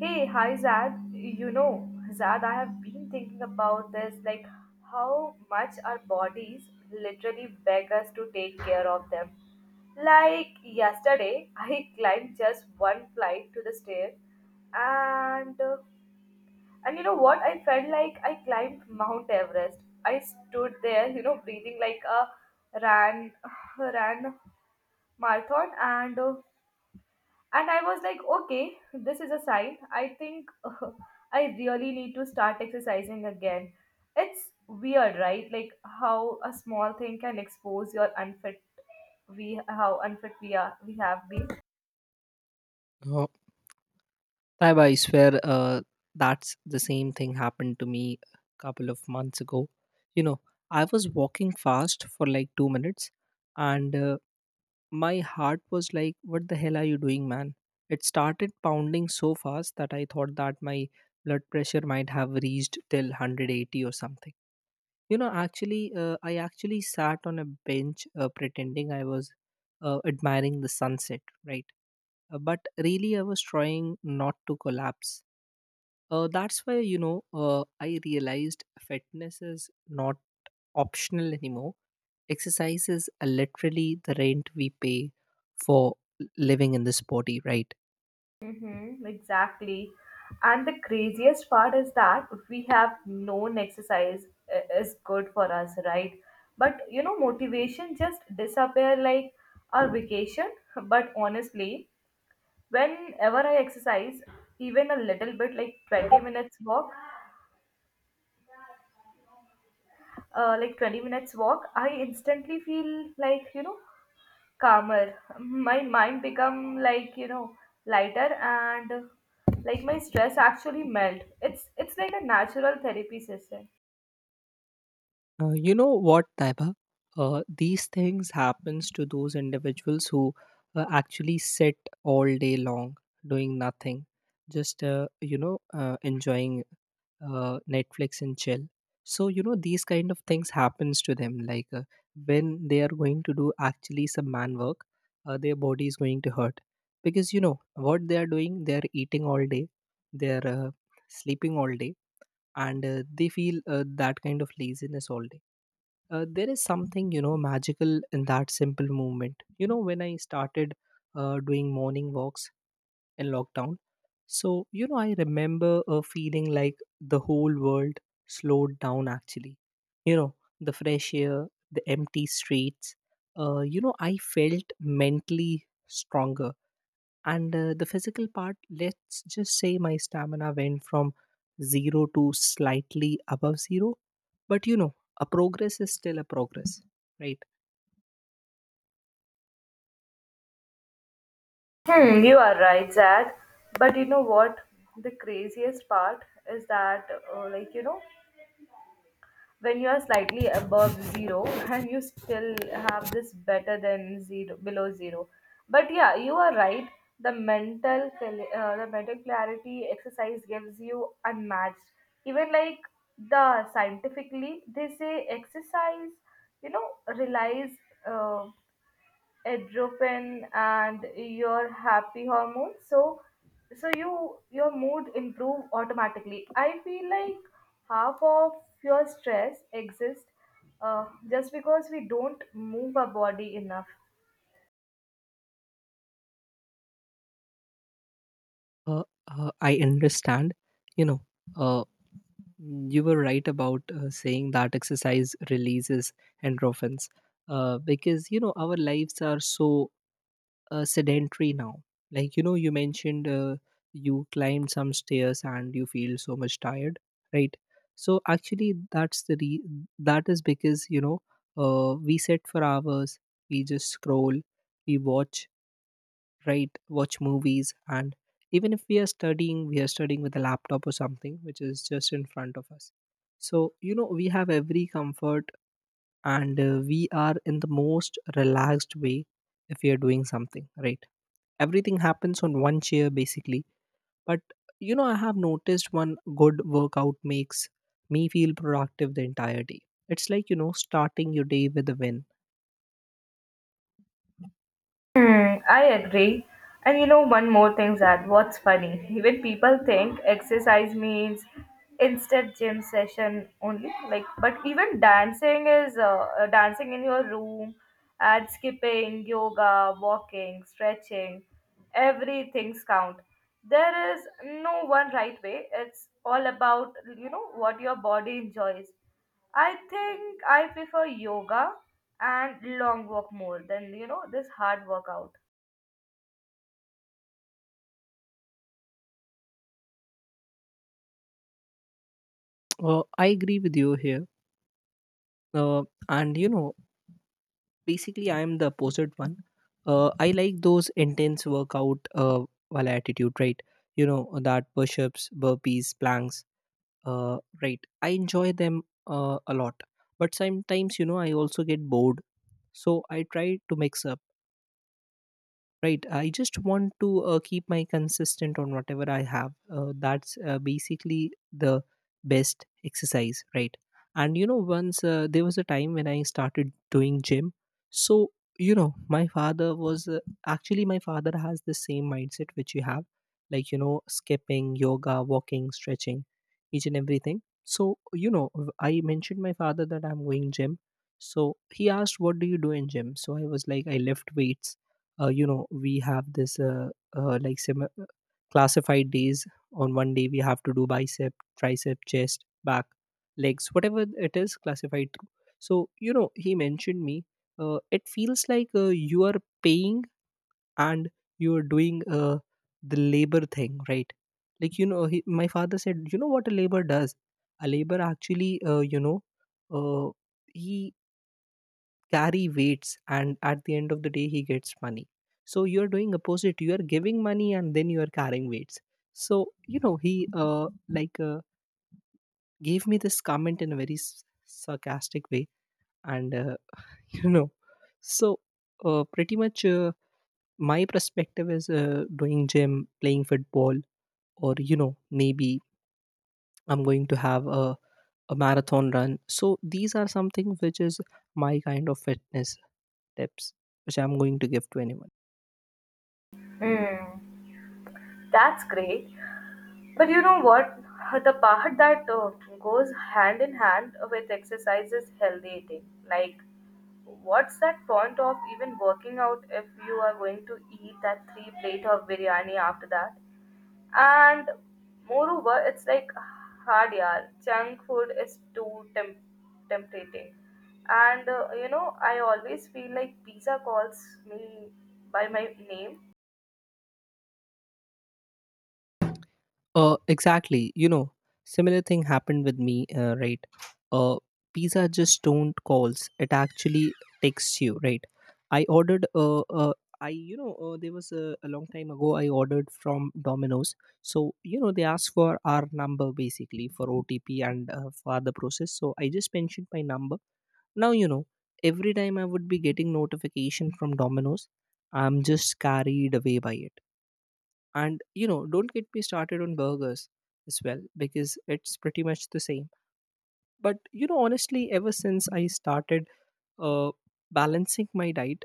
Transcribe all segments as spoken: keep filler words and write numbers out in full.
Hey, hi Zad. You know, Zad, I have been thinking about this, like how much our bodies literally beg us to take care of them. Like yesterday, I climbed just one flight to the stairs, and uh, and you know what? I felt like I climbed Mount Everest. I stood there, you know, breathing like a ran ran marathon, and uh, and I was like, okay, this is a sign. I think uh, I really need to start exercising again. It's weird, right? Like how a small thing can expose your unfit we how unfit we are we have been. Uh, Saib, I swear, uh, that's the same thing happened to me a couple of months ago. You know, I was walking fast for like two minutes, and uh, my heart was like, "What the hell are you doing, man?" It started pounding so fast that I thought that my blood pressure might have reached till one hundred eighty or something. You know, actually, uh, I actually sat on a bench uh, pretending I was uh, admiring the sunset, right? Uh, but really, I was trying not to collapse. Uh, that's why you know uh, I realized fitness is not optional anymore. Exercise is uh, literally the rent we pay for l- living in this body, right? Mm-hmm, exactly. And the craziest part is that we have known exercise i- is good for us, right? But you know, motivation just disappear like our vacation. But honestly, whenever I exercise even a little bit like twenty minutes walk uh, like twenty minutes walk I instantly feel like you know calmer, my mind become like you know lighter, and uh, like my stress actually melt. It's it's like a natural therapy system. Uh, you know what, Taiba, uh, these things happens to those individuals who uh, actually sit all day long doing nothing, just uh, you know uh, enjoying uh, Netflix and chill. So, you know, these kind of things happens to them, like uh, when they are going to do actually some man work, uh, their body is going to hurt, because you know what they are doing, they are eating all day, they are uh, sleeping all day, and uh, they feel uh, that kind of laziness all day. Uh, there is something, you know, magical in that simple movement. You know, when I started uh, doing morning walks in lockdown. So, you know, I remember a feeling like the whole world slowed down actually. You know, the fresh air, the empty streets. Uh, you know, I felt mentally stronger. And uh, the physical part, let's just say my stamina went from zero to slightly above zero. But, you know, a progress is still a progress, right? Hmm, you are right, Zach. But you know what? The craziest part is that, uh, like, you know, when you are slightly above zero, and you still have this better than zero below zero, but yeah, you are right, the mental cl- uh, the mental clarity exercise gives you unmatched, even like, the scientifically they say exercise, you know, relies uh, adrenaline and your happy hormone, so so you your mood improve automatically. I feel like half of your stress exists uh, just because we don't move our body enough. Uh, uh, I understand, you know, uh, Mm, you were right about uh, saying that exercise releases endorphins, uh, because, you know, our lives are so uh, sedentary now. Like, you know, you mentioned uh, you climbed some stairs and you feel so much tired, right? So actually, that's the re- that is because, you know, uh, we sit for hours, we just scroll, we watch, right watch movies. And even if we are studying, we are studying with a laptop or something which is just in front of us. So, you know, we have every comfort, and uh, we are in the most relaxed way if we are doing something, right? Everything happens on one chair basically. But you know, I have noticed one good workout makes me feel productive the entire day. It's like, you know, starting your day with a win. Hmm, I agree. And you know, one more thing, Zad, what's funny? Even people think exercise means instant gym session only. Like, but even dancing is uh, uh, dancing in your room, and skipping, yoga, walking, stretching, everything's count. There is no one right way. It's all about you know what your body enjoys. I think I prefer yoga and long walk more than you know this hard workout. uh, I agree with you here. Uh, and you know, basically, I am the opposite one. Uh, I like those intense workout, uh, while attitude, right? You know that push-ups, burpees, planks, uh, right? I enjoy them uh, a lot, but sometimes, you know, I also get bored, so I try to mix up. Right, I just want to uh, keep my consistent on whatever I have. Uh, that's uh, basically the best exercise, right? And you know, once uh, there was a time when I started doing gym. So, you know, my father was uh, actually, my father has the same mindset which you have, like you know, skipping, yoga, walking, stretching, each and everything. So, you know, w- I mentioned my father that I'm going gym. So he asked, what do you do in gym? So I was like, I lift weights. Uh, you know, we have this uh, uh, like semi- classified days. On one day we have to do bicep, tricep, chest, back, legs, whatever it is classified through. So you know, he mentioned me, uh, it feels like uh, you are paying and you are doing uh, the labor thing, right? Like you know, he, my father said, you know what a labor does? A labor actually, uh, you know uh, he carry weights and at the end of the day he gets money. So you are doing opposite, you are giving money and then you are carrying weights. So you know, he uh, like uh, gave me this comment in a very s- sarcastic way. And uh, you know, so uh, pretty much uh, my perspective is uh, doing gym, playing football, or you know, maybe I'm going to have a, a marathon run. So these are something which is my kind of fitness tips which I'm going to give to anyone. Hmm, that's great. But you know what? The part that uh, goes hand in hand with exercise is healthy eating. Like, what's that point of even working out if you are going to eat that three plate of biryani after that? And moreover, it's like hard, yeah. Junk food is too temp- tempting. And uh, you know, I always feel like pizza calls me by my name. Uh, exactly. You know, similar thing happened with me, uh, right? Uh, Pizza just don't calls. It actually texts you, right? I ordered, uh, uh, I, you know, uh, there was a, a long time ago, I ordered from Domino's. So, you know, they asked for our number basically for O T P and uh, for the process. So I just mentioned my number. Now, you know, every time I would be getting notification from Domino's, I'm just carried away by it. And you know, don't get me started on burgers as well, because it's pretty much the same. But you know, honestly, ever since I started uh, balancing my diet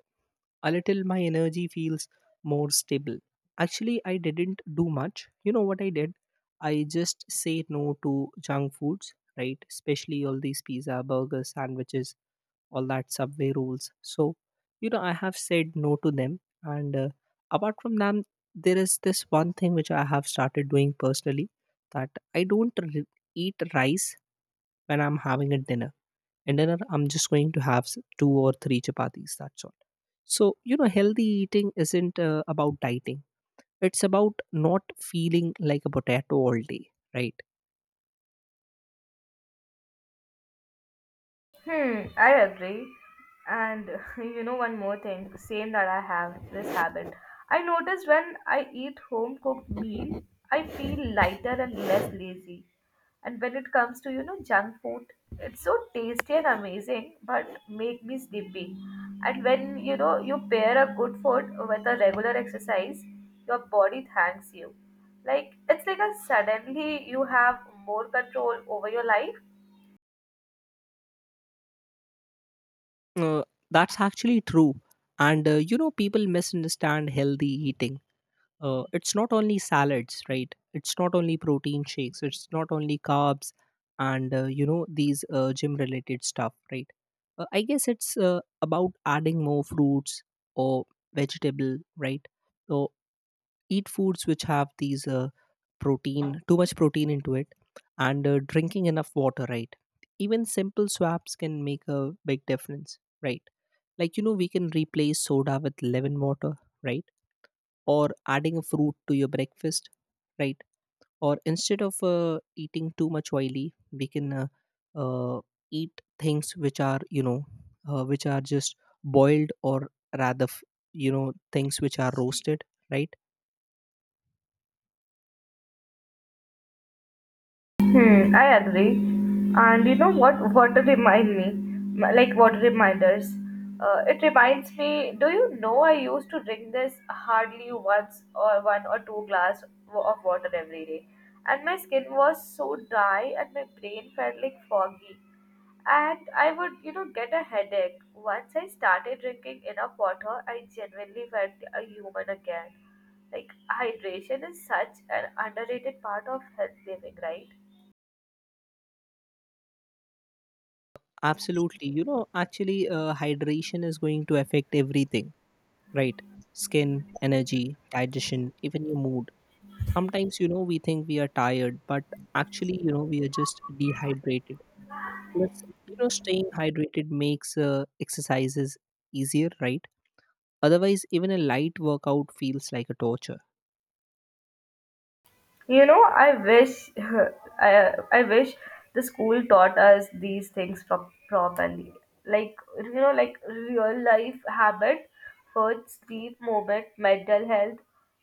a little, my energy feels more stable. Actually, I didn't do much. You know what I did? I just say no to junk foods, right? Especially all these pizza, burgers, sandwiches, all that subway rules. So you know, I have said no to them. And uh, apart from them, there is this one thing which I have started doing personally, that I don't r eat rice when I'm having a dinner. In dinner, I'm just going to have s- two or three chapatis, that's all. So you know, healthy eating isn't uh, about dieting. It's about not feeling like a potato all day, right? Hmm, I agree. And you know, one more thing, same that I have this habit. I notice when I eat home cooked meal, I feel lighter and less lazy. And when it comes to, you know, junk food, it's so tasty and amazing, but make me sleepy. And when, you know, you pair a good food with a regular exercise, your body thanks you. Like, it's like a suddenly you have more control over your life. uh, that's actually true. And uh, you know, people misunderstand healthy eating. Uh, it's not only salads, right? It's not only protein shakes, it's not only carbs and uh, you know, these uh, gym related stuff, right? uh, I guess it's uh, about adding more fruits or vegetable, right? So eat foods which have these uh, protein too much protein into it, and uh, drinking enough water, right? Even simple swaps can make a big difference, right? Like you know, we can replace soda with lemon water, right? Or adding a fruit to your breakfast, right? Or instead of uh, eating too much oily, we can uh, uh, eat things which are, you know, uh, which are just boiled, or rather f- you know, things which are roasted, right? Hmm, I agree. And you know what? What remind me, m- like what reminders? Uh, it reminds me. Do you know I used to drink this hardly once or one or two glass wa- of water every day, and my skin was so dry and my brain felt like foggy, and I would you know get a headache. Once I started drinking enough water, I genuinely felt a human again. Like hydration is such an underrated part of health living, right? Absolutely. You know, actually, uh, hydration is going to affect everything, right? Skin, energy, digestion, even your mood. Sometimes, you know, we think we are tired, but actually, you know, we are just dehydrated. Plus, you know, staying hydrated makes uh, exercises easier, right? Otherwise, even a light workout feels like a torture. You know, I wish I, I wish the school taught us these things pro- properly. Like you know, like real life habit, food, sleep, movement, mental health.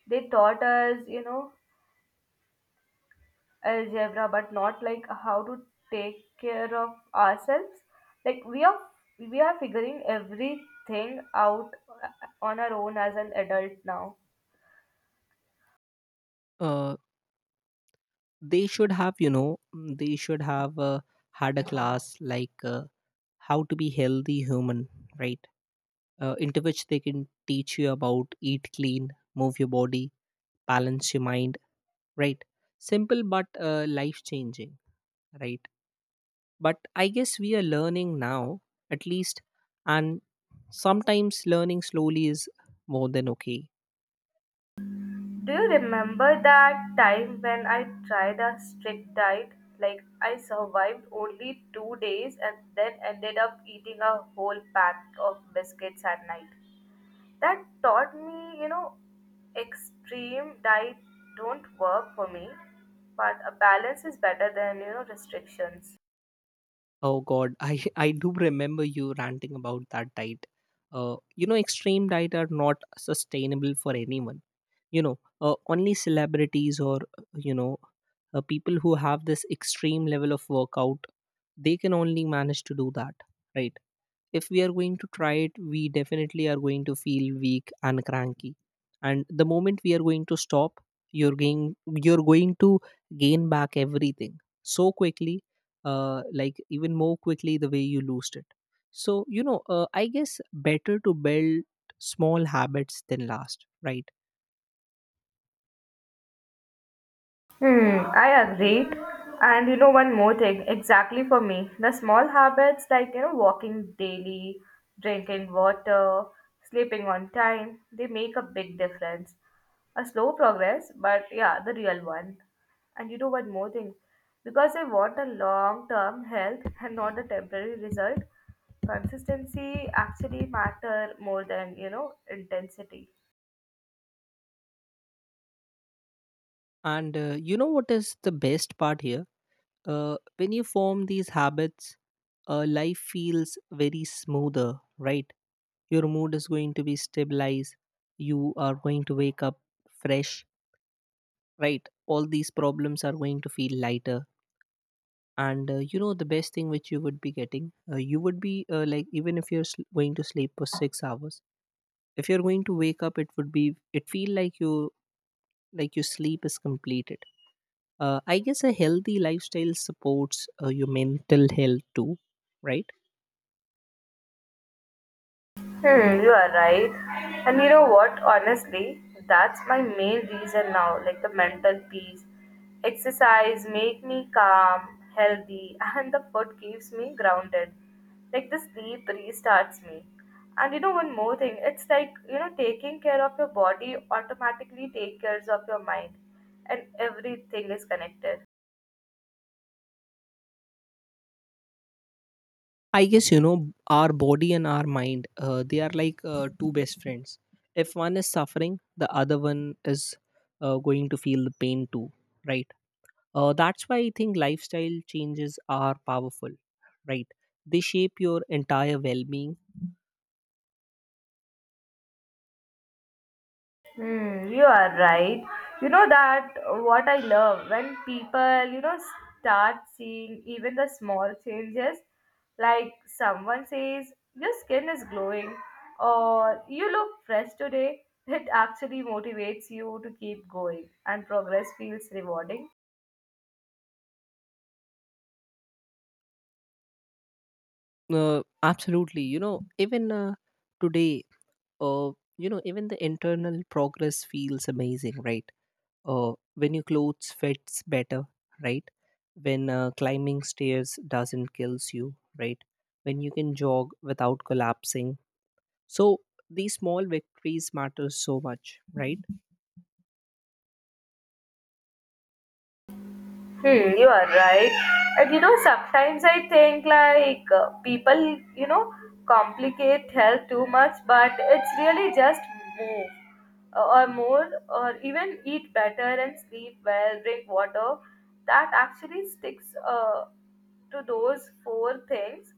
They taught us, you know, algebra, but not like how to take care of ourselves. Like we are we are figuring everything out uh, on our own as an adult now. Uh, they should have, you know, mm, they should have uh, had a class like, uh, how to be healthy human, right? Uh, into which they can teach you about eat clean, move your body, balance your mind, right? Simple but uh, life changing, right? But I guess we are learning now, at least. And sometimes learning slowly is more than okay. Do you remember that time when I tried a strict diet? Like, I survived only two days and then ended up eating a whole pack of biscuits at night. That taught me, you know, extreme diet don't work for me, but a balance is better than, you know, restrictions. Oh God, I I do remember you ranting about that diet. Uh, you know, extreme diet are not sustainable for anyone. You know, uh, only celebrities or you know, uh, people who have this extreme level of workout, they can only manage to do that, right? If we are going to try it, we definitely are going to feel weak and cranky. And the moment we are going to stop, you're going you're going to gain back everything so quickly, uh, like even more quickly the way you lost it. So you know, uh, I guess better to build small habits than last, right? Hmm, I agree. And you know, one more thing, exactly for me, the small habits like, you know, walking daily, drinking water, sleeping on time, they make a big difference. A slow progress, but yeah, the real one. And you know, one more thing, because I want a long term health and not a temporary result, consistency actually matter more than, you know, intensity. And uh, you know what is the best part here? Uh, when you form these habits, uh, life feels very smoother, right? Your mood is going to be stabilized, you are going to wake up fresh, right? All these problems are going to feel lighter. And uh, you know, the best thing which you would be getting, uh, you would be uh, like, even if you're sl- going to sleep for six hours, if you're going to wake up, it would be, it feel like you, like your sleep is completed. uh, I guess a healthy lifestyle supports uh, your mental health too, right? Hmm, you are right. And you know what? Honestly, that's my main reason now, like the mental peace. Exercise make me calm, healthy, and the food keeps me grounded. Like the sleep restarts me. And you know one more thing, it's like, you know, taking care of your body automatically take care of your mind. And everything is connected. I guess, you know, our body and our mind, Uh, they are like uh, two best friends. If one is suffering, the other one is uh, going to feel the pain too, right? Uh, that's why I think lifestyle changes are powerful, right? They shape your entire well-being. Hmm, you are right. You know that what I love when people, you know, start seeing even the small changes, like someone says, your skin is glowing, or you look fresh today, it actually motivates you to keep going, and progress feels rewarding. Uh, absolutely, you know, even uh, today, uh, you know, even the internal progress feels amazing, right? Uh, when your clothes fits better, right? When uh, climbing stairs doesn't kills you, right? When you can jog without collapsing, so these small victories matter so much, right? Hmm, you are right. And you know, sometimes I think like uh, people, you know, complicate health too much, but it's really just move uh, or more, or even eat better and sleep well, drink water. That actually sticks uh, to those four things,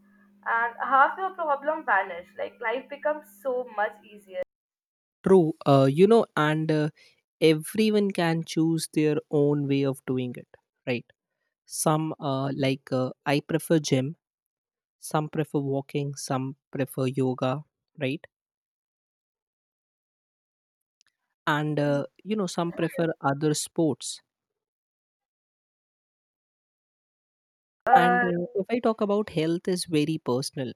and half your problem vanish. Like life becomes so much easier. True. Uh, you know and uh, everyone can choose their own way of doing it, right? Some uh, like uh, I prefer gym, some prefer walking, some prefer yoga, right? And uh, you know some prefer other sports. And Uh, uh, If I talk about health is very personal.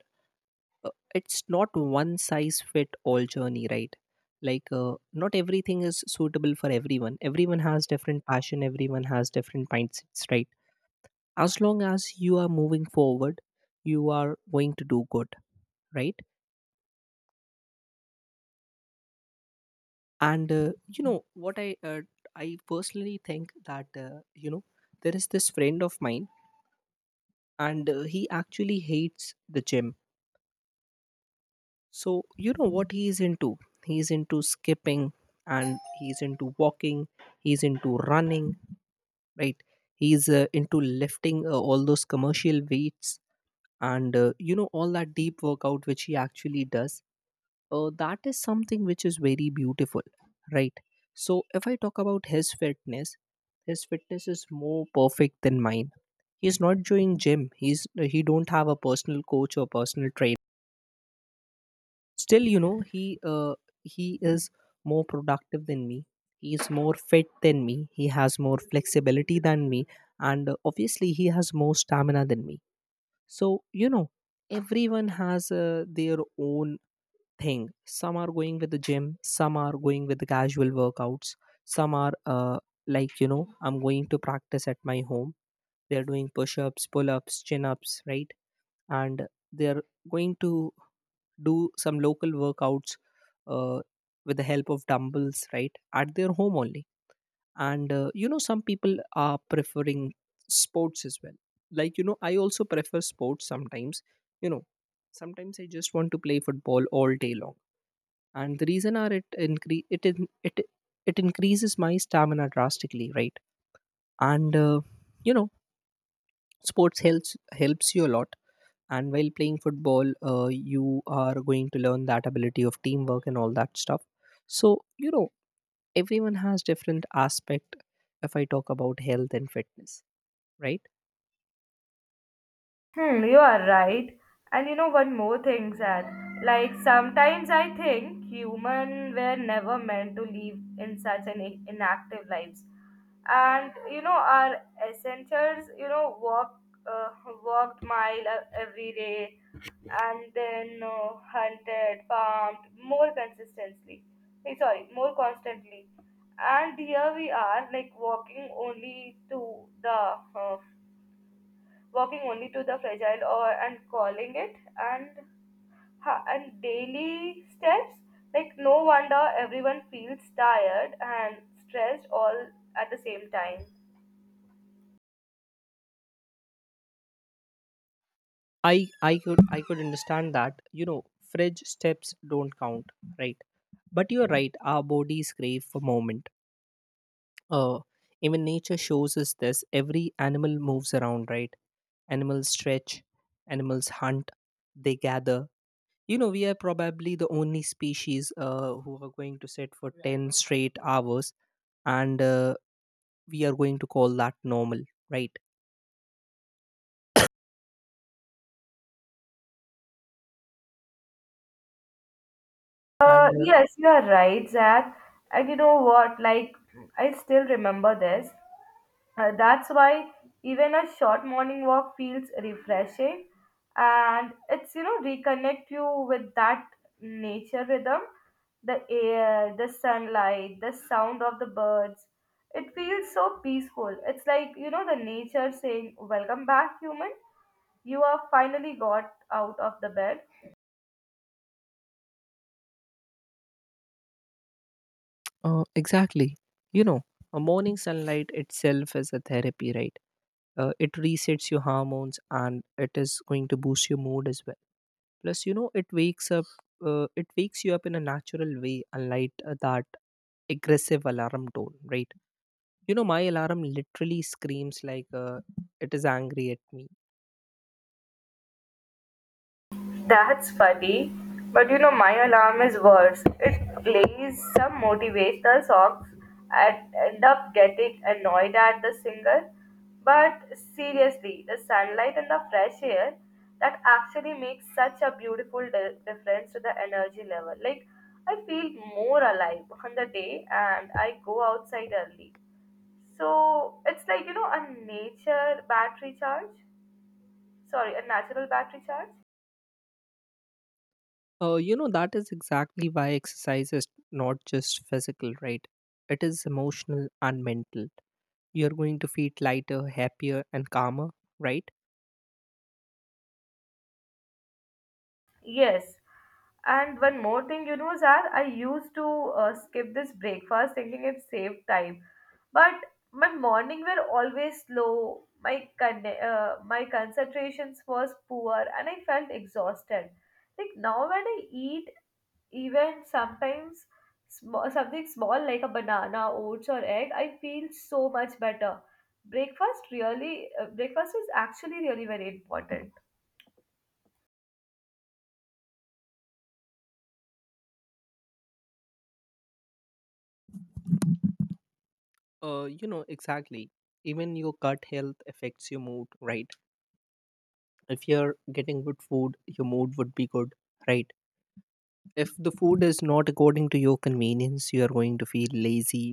Uh, It's not one size fit all journey, right? Like, uh, not everything is suitable for everyone. Everyone has different passion, everyone has different mindsets, right? As long as you are moving forward, you are going to do good, right? And uh, You know what, I uh, I personally think that, uh, you know there is this friend of mine, and uh, he actually hates the gym. So, you know what he is into? He is into skipping, and he's into walking, he's into running, right? He's uh, into lifting uh, all those commercial weights, and uh, you know all that deep workout which he actually does. Uh, that is something which is very beautiful, right? So, if I talk about his fitness, his fitness is more perfect than mine. He's not doing gym. He's he don't have a personal coach or personal trainer. Still, you know, he uh, he is more productive than me. He is more fit than me. He has more flexibility than me, and uh, obviously, he has more stamina than me. So, you know, everyone has uh, their own thing. Some are going with the gym. Some are going with the casual workouts. Some are uh, like, you know, I'm going to practice at my home. They're doing push-ups, pull-ups, chin-ups, right? And they're going to do some local workouts uh, with the help of dumbbells, right, at their home only. And uh, you know some people are preferring sports as well. Like, you know, I also prefer sports sometimes. You know, sometimes I just want to play football all day long. And the reason are, it incre- it in- it it increases my stamina drastically, right? And uh, you know sports helps helps you a lot. And while playing football, uh, you are going to learn that ability of teamwork and all that stuff. So, you know, everyone has different aspect if I talk about health and fitness, right? Hmm, you are right. And you know one more thing, Sad. Like sometimes I think human were never meant to live in such an i- inactive lives, and you know our essentials. You know walk, uh, walked mile e- every day, and then uh, hunted, farmed more consistently. Hey, sorry, more constantly. And here we are, like walking only to the uh, working only to the fragile or and calling it and ha- and daily steps, like no wonder everyone feels tired and stressed all at the same time. I i could i could understand that, you know, fridge steps don't count, right? But you're right, our bodies crave for movement. uh Even nature shows us this. Every animal moves around, right? Animals stretch, animals hunt, they gather. You know, we are probably the only species uh, who are going to sit for ten straight hours, and uh, we are going to call that normal, right? uh And Yes, you are right, Zach. And you know what, like I still remember this. Uh, that's why even a short morning walk feels refreshing, and it's you know reconnect you with that nature rhythm, the air, the sunlight, the sound of the birds. It feels so peaceful. It's like you know the nature saying, welcome back human, you are finally got out of the bed. uh, uh, exactly, you know, a morning sunlight itself is a therapy, right? Uh, it resets your hormones and it is going to boost your mood as well. Plus, you know, it wakes up, uh, it wakes you up in a natural way, unlike uh, that aggressive alarm tone, right? You know, my alarm literally screams like uh, it is angry at me. That's funny. But you know, my alarm is worse. It plays some motivational songs and end up getting annoyed at the singer. But seriously, the sunlight and the fresh air that actually makes such a beautiful di- difference to the energy level. Like, I feel more alive on the day and I go outside early. So, it's like, you know, a nature battery charge. Sorry, a natural battery charge. Uh, you know, that is exactly why exercise is not just physical, right? It is emotional and mental. You're going to feel lighter, happier and calmer, right? Yes. And one more thing, you know, Zar, I used to uh, skip this breakfast thinking it saved time. But my morning were always slow. My con- uh, my concentrations was poor and I felt exhausted. Like now when I eat even sometimes small, something small like a banana, oats or egg, I feel so much better. Breakfast really uh, breakfast is actually really very important. Uh, you know, exactly, even your gut health affects your mood, right? If you're getting good food, your mood would be good, right? If the food is not according to your convenience, you are going to feel lazy,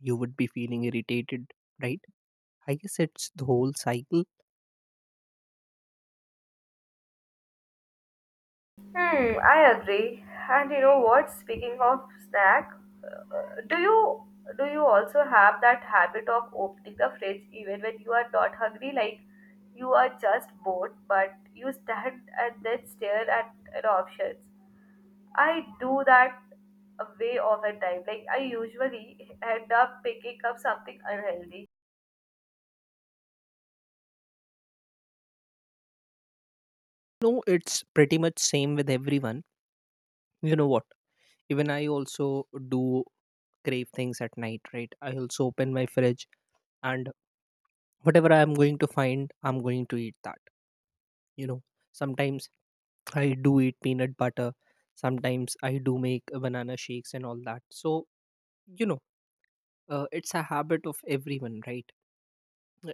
you would be feeling irritated, right? I guess it's the whole cycle. Hmm, I agree. And you know what? Speaking of snack, uh, do you do you also have that habit of opening the fridge even when you are not hungry? Like you are just bored, but you stand and then stare at the options. I do that way all the time. Like I usually end up picking up something unhealthy. No, it's pretty much same with everyone. You know what? Even I also do crave things at night, right? I also open my fridge, and whatever I'm going to find, I'm going to eat that. You know, sometimes I do eat peanut butter, sometimes I do make banana shakes and all that. So, you know, uh, it's a habit of everyone, right?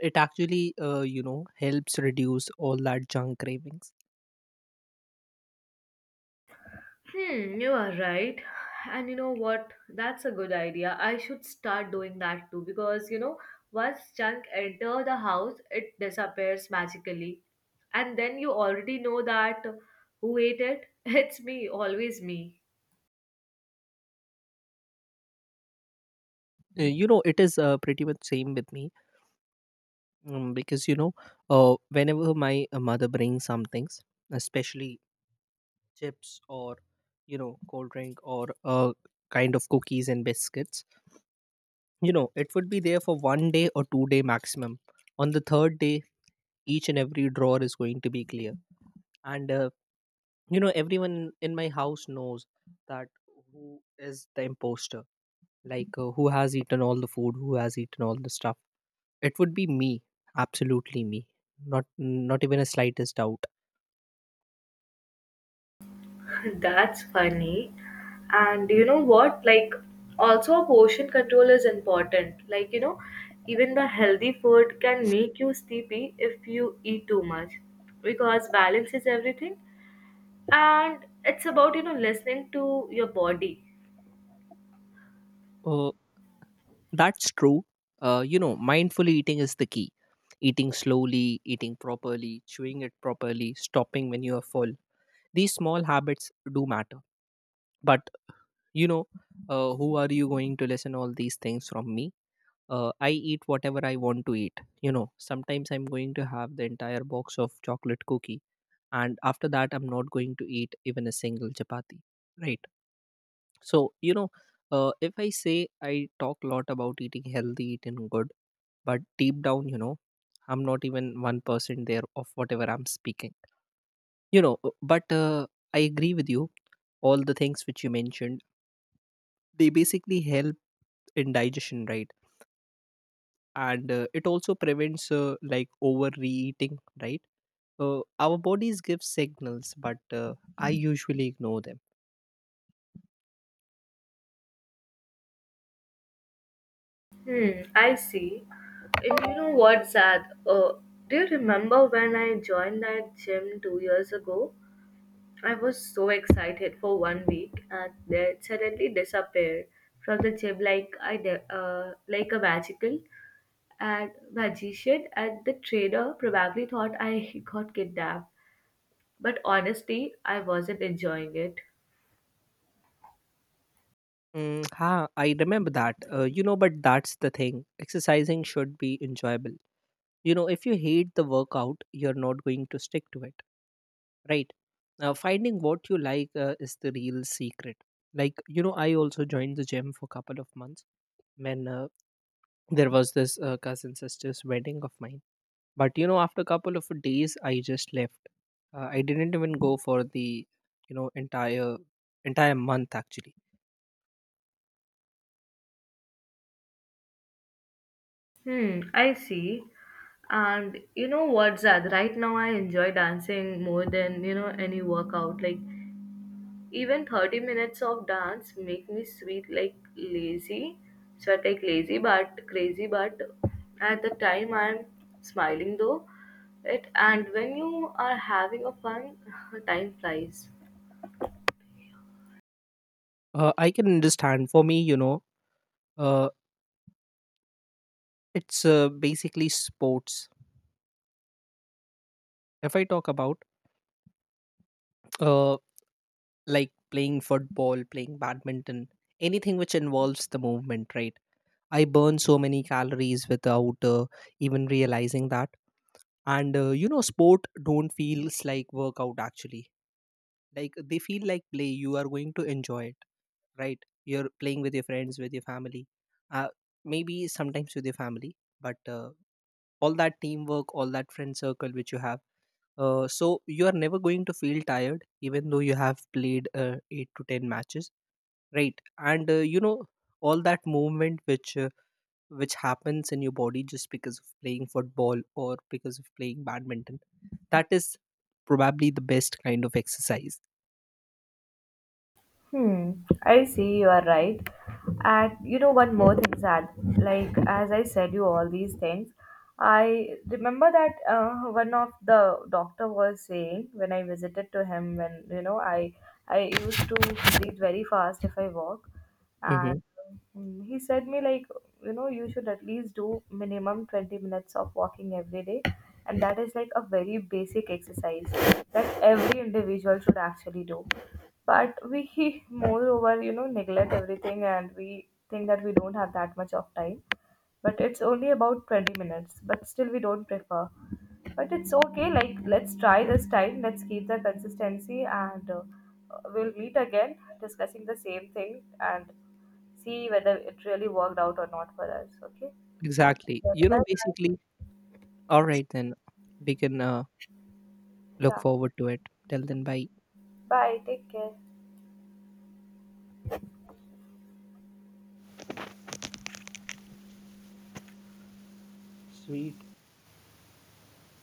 It actually, uh, you know, helps reduce all that junk cravings. Hmm, you are right. And you know what? That's a good idea. I should start doing that too because you know, once junk enter the house, it disappears magically. And then you already know that who ate it? It's me, always me. Uh, You know, it is uh, pretty much same with me, um, because you know, uh, whenever my uh, mother brings some things, especially chips, or you know, cold drink, or uh, kind of cookies and biscuits. You know, it would be there for one day or two day maximum. On the third day, each and every drawer is going to be clear. And uh, you know, everyone in my house knows that who is the imposter. Like, uh, who has eaten all the food, who has eaten all the stuff. It would be me, absolutely me. Not not even a slightest doubt. That's funny. And you know what? Like, also portion control is important. Like, you know, even the healthy food can make you sleepy if you eat too much because balance is everything. And it's about you know listening to your body. Uh, that's true. Uh, you know, mindful eating is the key. Eating slowly, eating properly, chewing it properly, stopping when you are full. These small habits do matter. But, you know, uh, who are you going to listen all these things from me? Uh, I eat whatever I want to eat. You know, sometimes I'm going to have the entire box of chocolate cookie. And after that, I'm not going to eat even a single chapati. Right. So, you know, uh, if I say I talk a lot about eating healthy, eating good, but deep down, you know, I'm not even one percent there of whatever I'm speaking. You know, uh, but uh, I agree with you. All the things which you mentioned, they basically help in digestion, right? And uh, it also prevents uh, like overeating, right? Uh, our bodies give signals, but uh, I usually ignore them. Hmm, I see. And you know what, Zad? Uh, do you remember when I joined that gym two years ago? I was so excited for one week and then suddenly disappeared from the gym, like i de- uh, like a magical and magician, and the trainer probably thought I got kidnapped, but honestly I wasn't enjoying it. Mm, ha, I remember that. Uh, you know, but that's the thing. Exercising should be enjoyable. You know, if you hate the workout, you're not going to stick to it, right? Now, finding what you like uh, is the real secret. Like, you know, I also joined the gym for a couple of months when, uh, there was this uh, cousin sister's wedding of mine. But, you know, after a couple of days, I just left. Uh, I didn't even go for the, you know, entire entire month actually. Hmm, I see. And you know what, Zad? Right now, I enjoy dancing more than you know any workout. Like even thirty minutes of dance make me sweet like lazy, sweat like lazy, but crazy. But at the time, I'm smiling though. It And when you are having a fun, time flies. Uh, I can understand. For me, you know, uh, It's uh, basically sports. If I talk about uh, like playing football, playing badminton, anything which involves the movement, right? I burn so many calories without uh, even realizing that. And uh, you know, sport don't feels like workout actually. Like they feel like play. You are going to enjoy it, right? You're playing with your friends, with your family, uh, maybe sometimes with your family, but uh, all that teamwork, all that friend circle which you have. Uh, so you are never going to feel tired, even though you have played uh, eight to ten matches, right? And uh, you know, all that movement which uh, which happens in your body just because of playing football or because of playing badminton. That is probably the best kind of exercise. Hmm, I see, you are right. And you know, one more thing, Sad. Like, as I said you all these things, I remember that uh, one of the doctor was saying when I visited to him, when, you know, I I used to breathe very fast if I walk. Hmm. And um, he said me like, you know, you should at least do minimum twenty minutes of walking every day. And that is like a very basic exercise that every individual should actually do, but we moreover you know neglect everything, and we think that we don't have that much of time, but it's only about twenty minutes, but still we don't prefer. But it's okay, like let's try this time, let's keep the consistency, and uh, we'll meet again discussing the same thing, and see whether it really worked out or not for us, okay? Exactly. Yeah, You bye know, bye. basically. All right, then we can uh, look Yeah, forward to it. Till then, bye. bye, take care.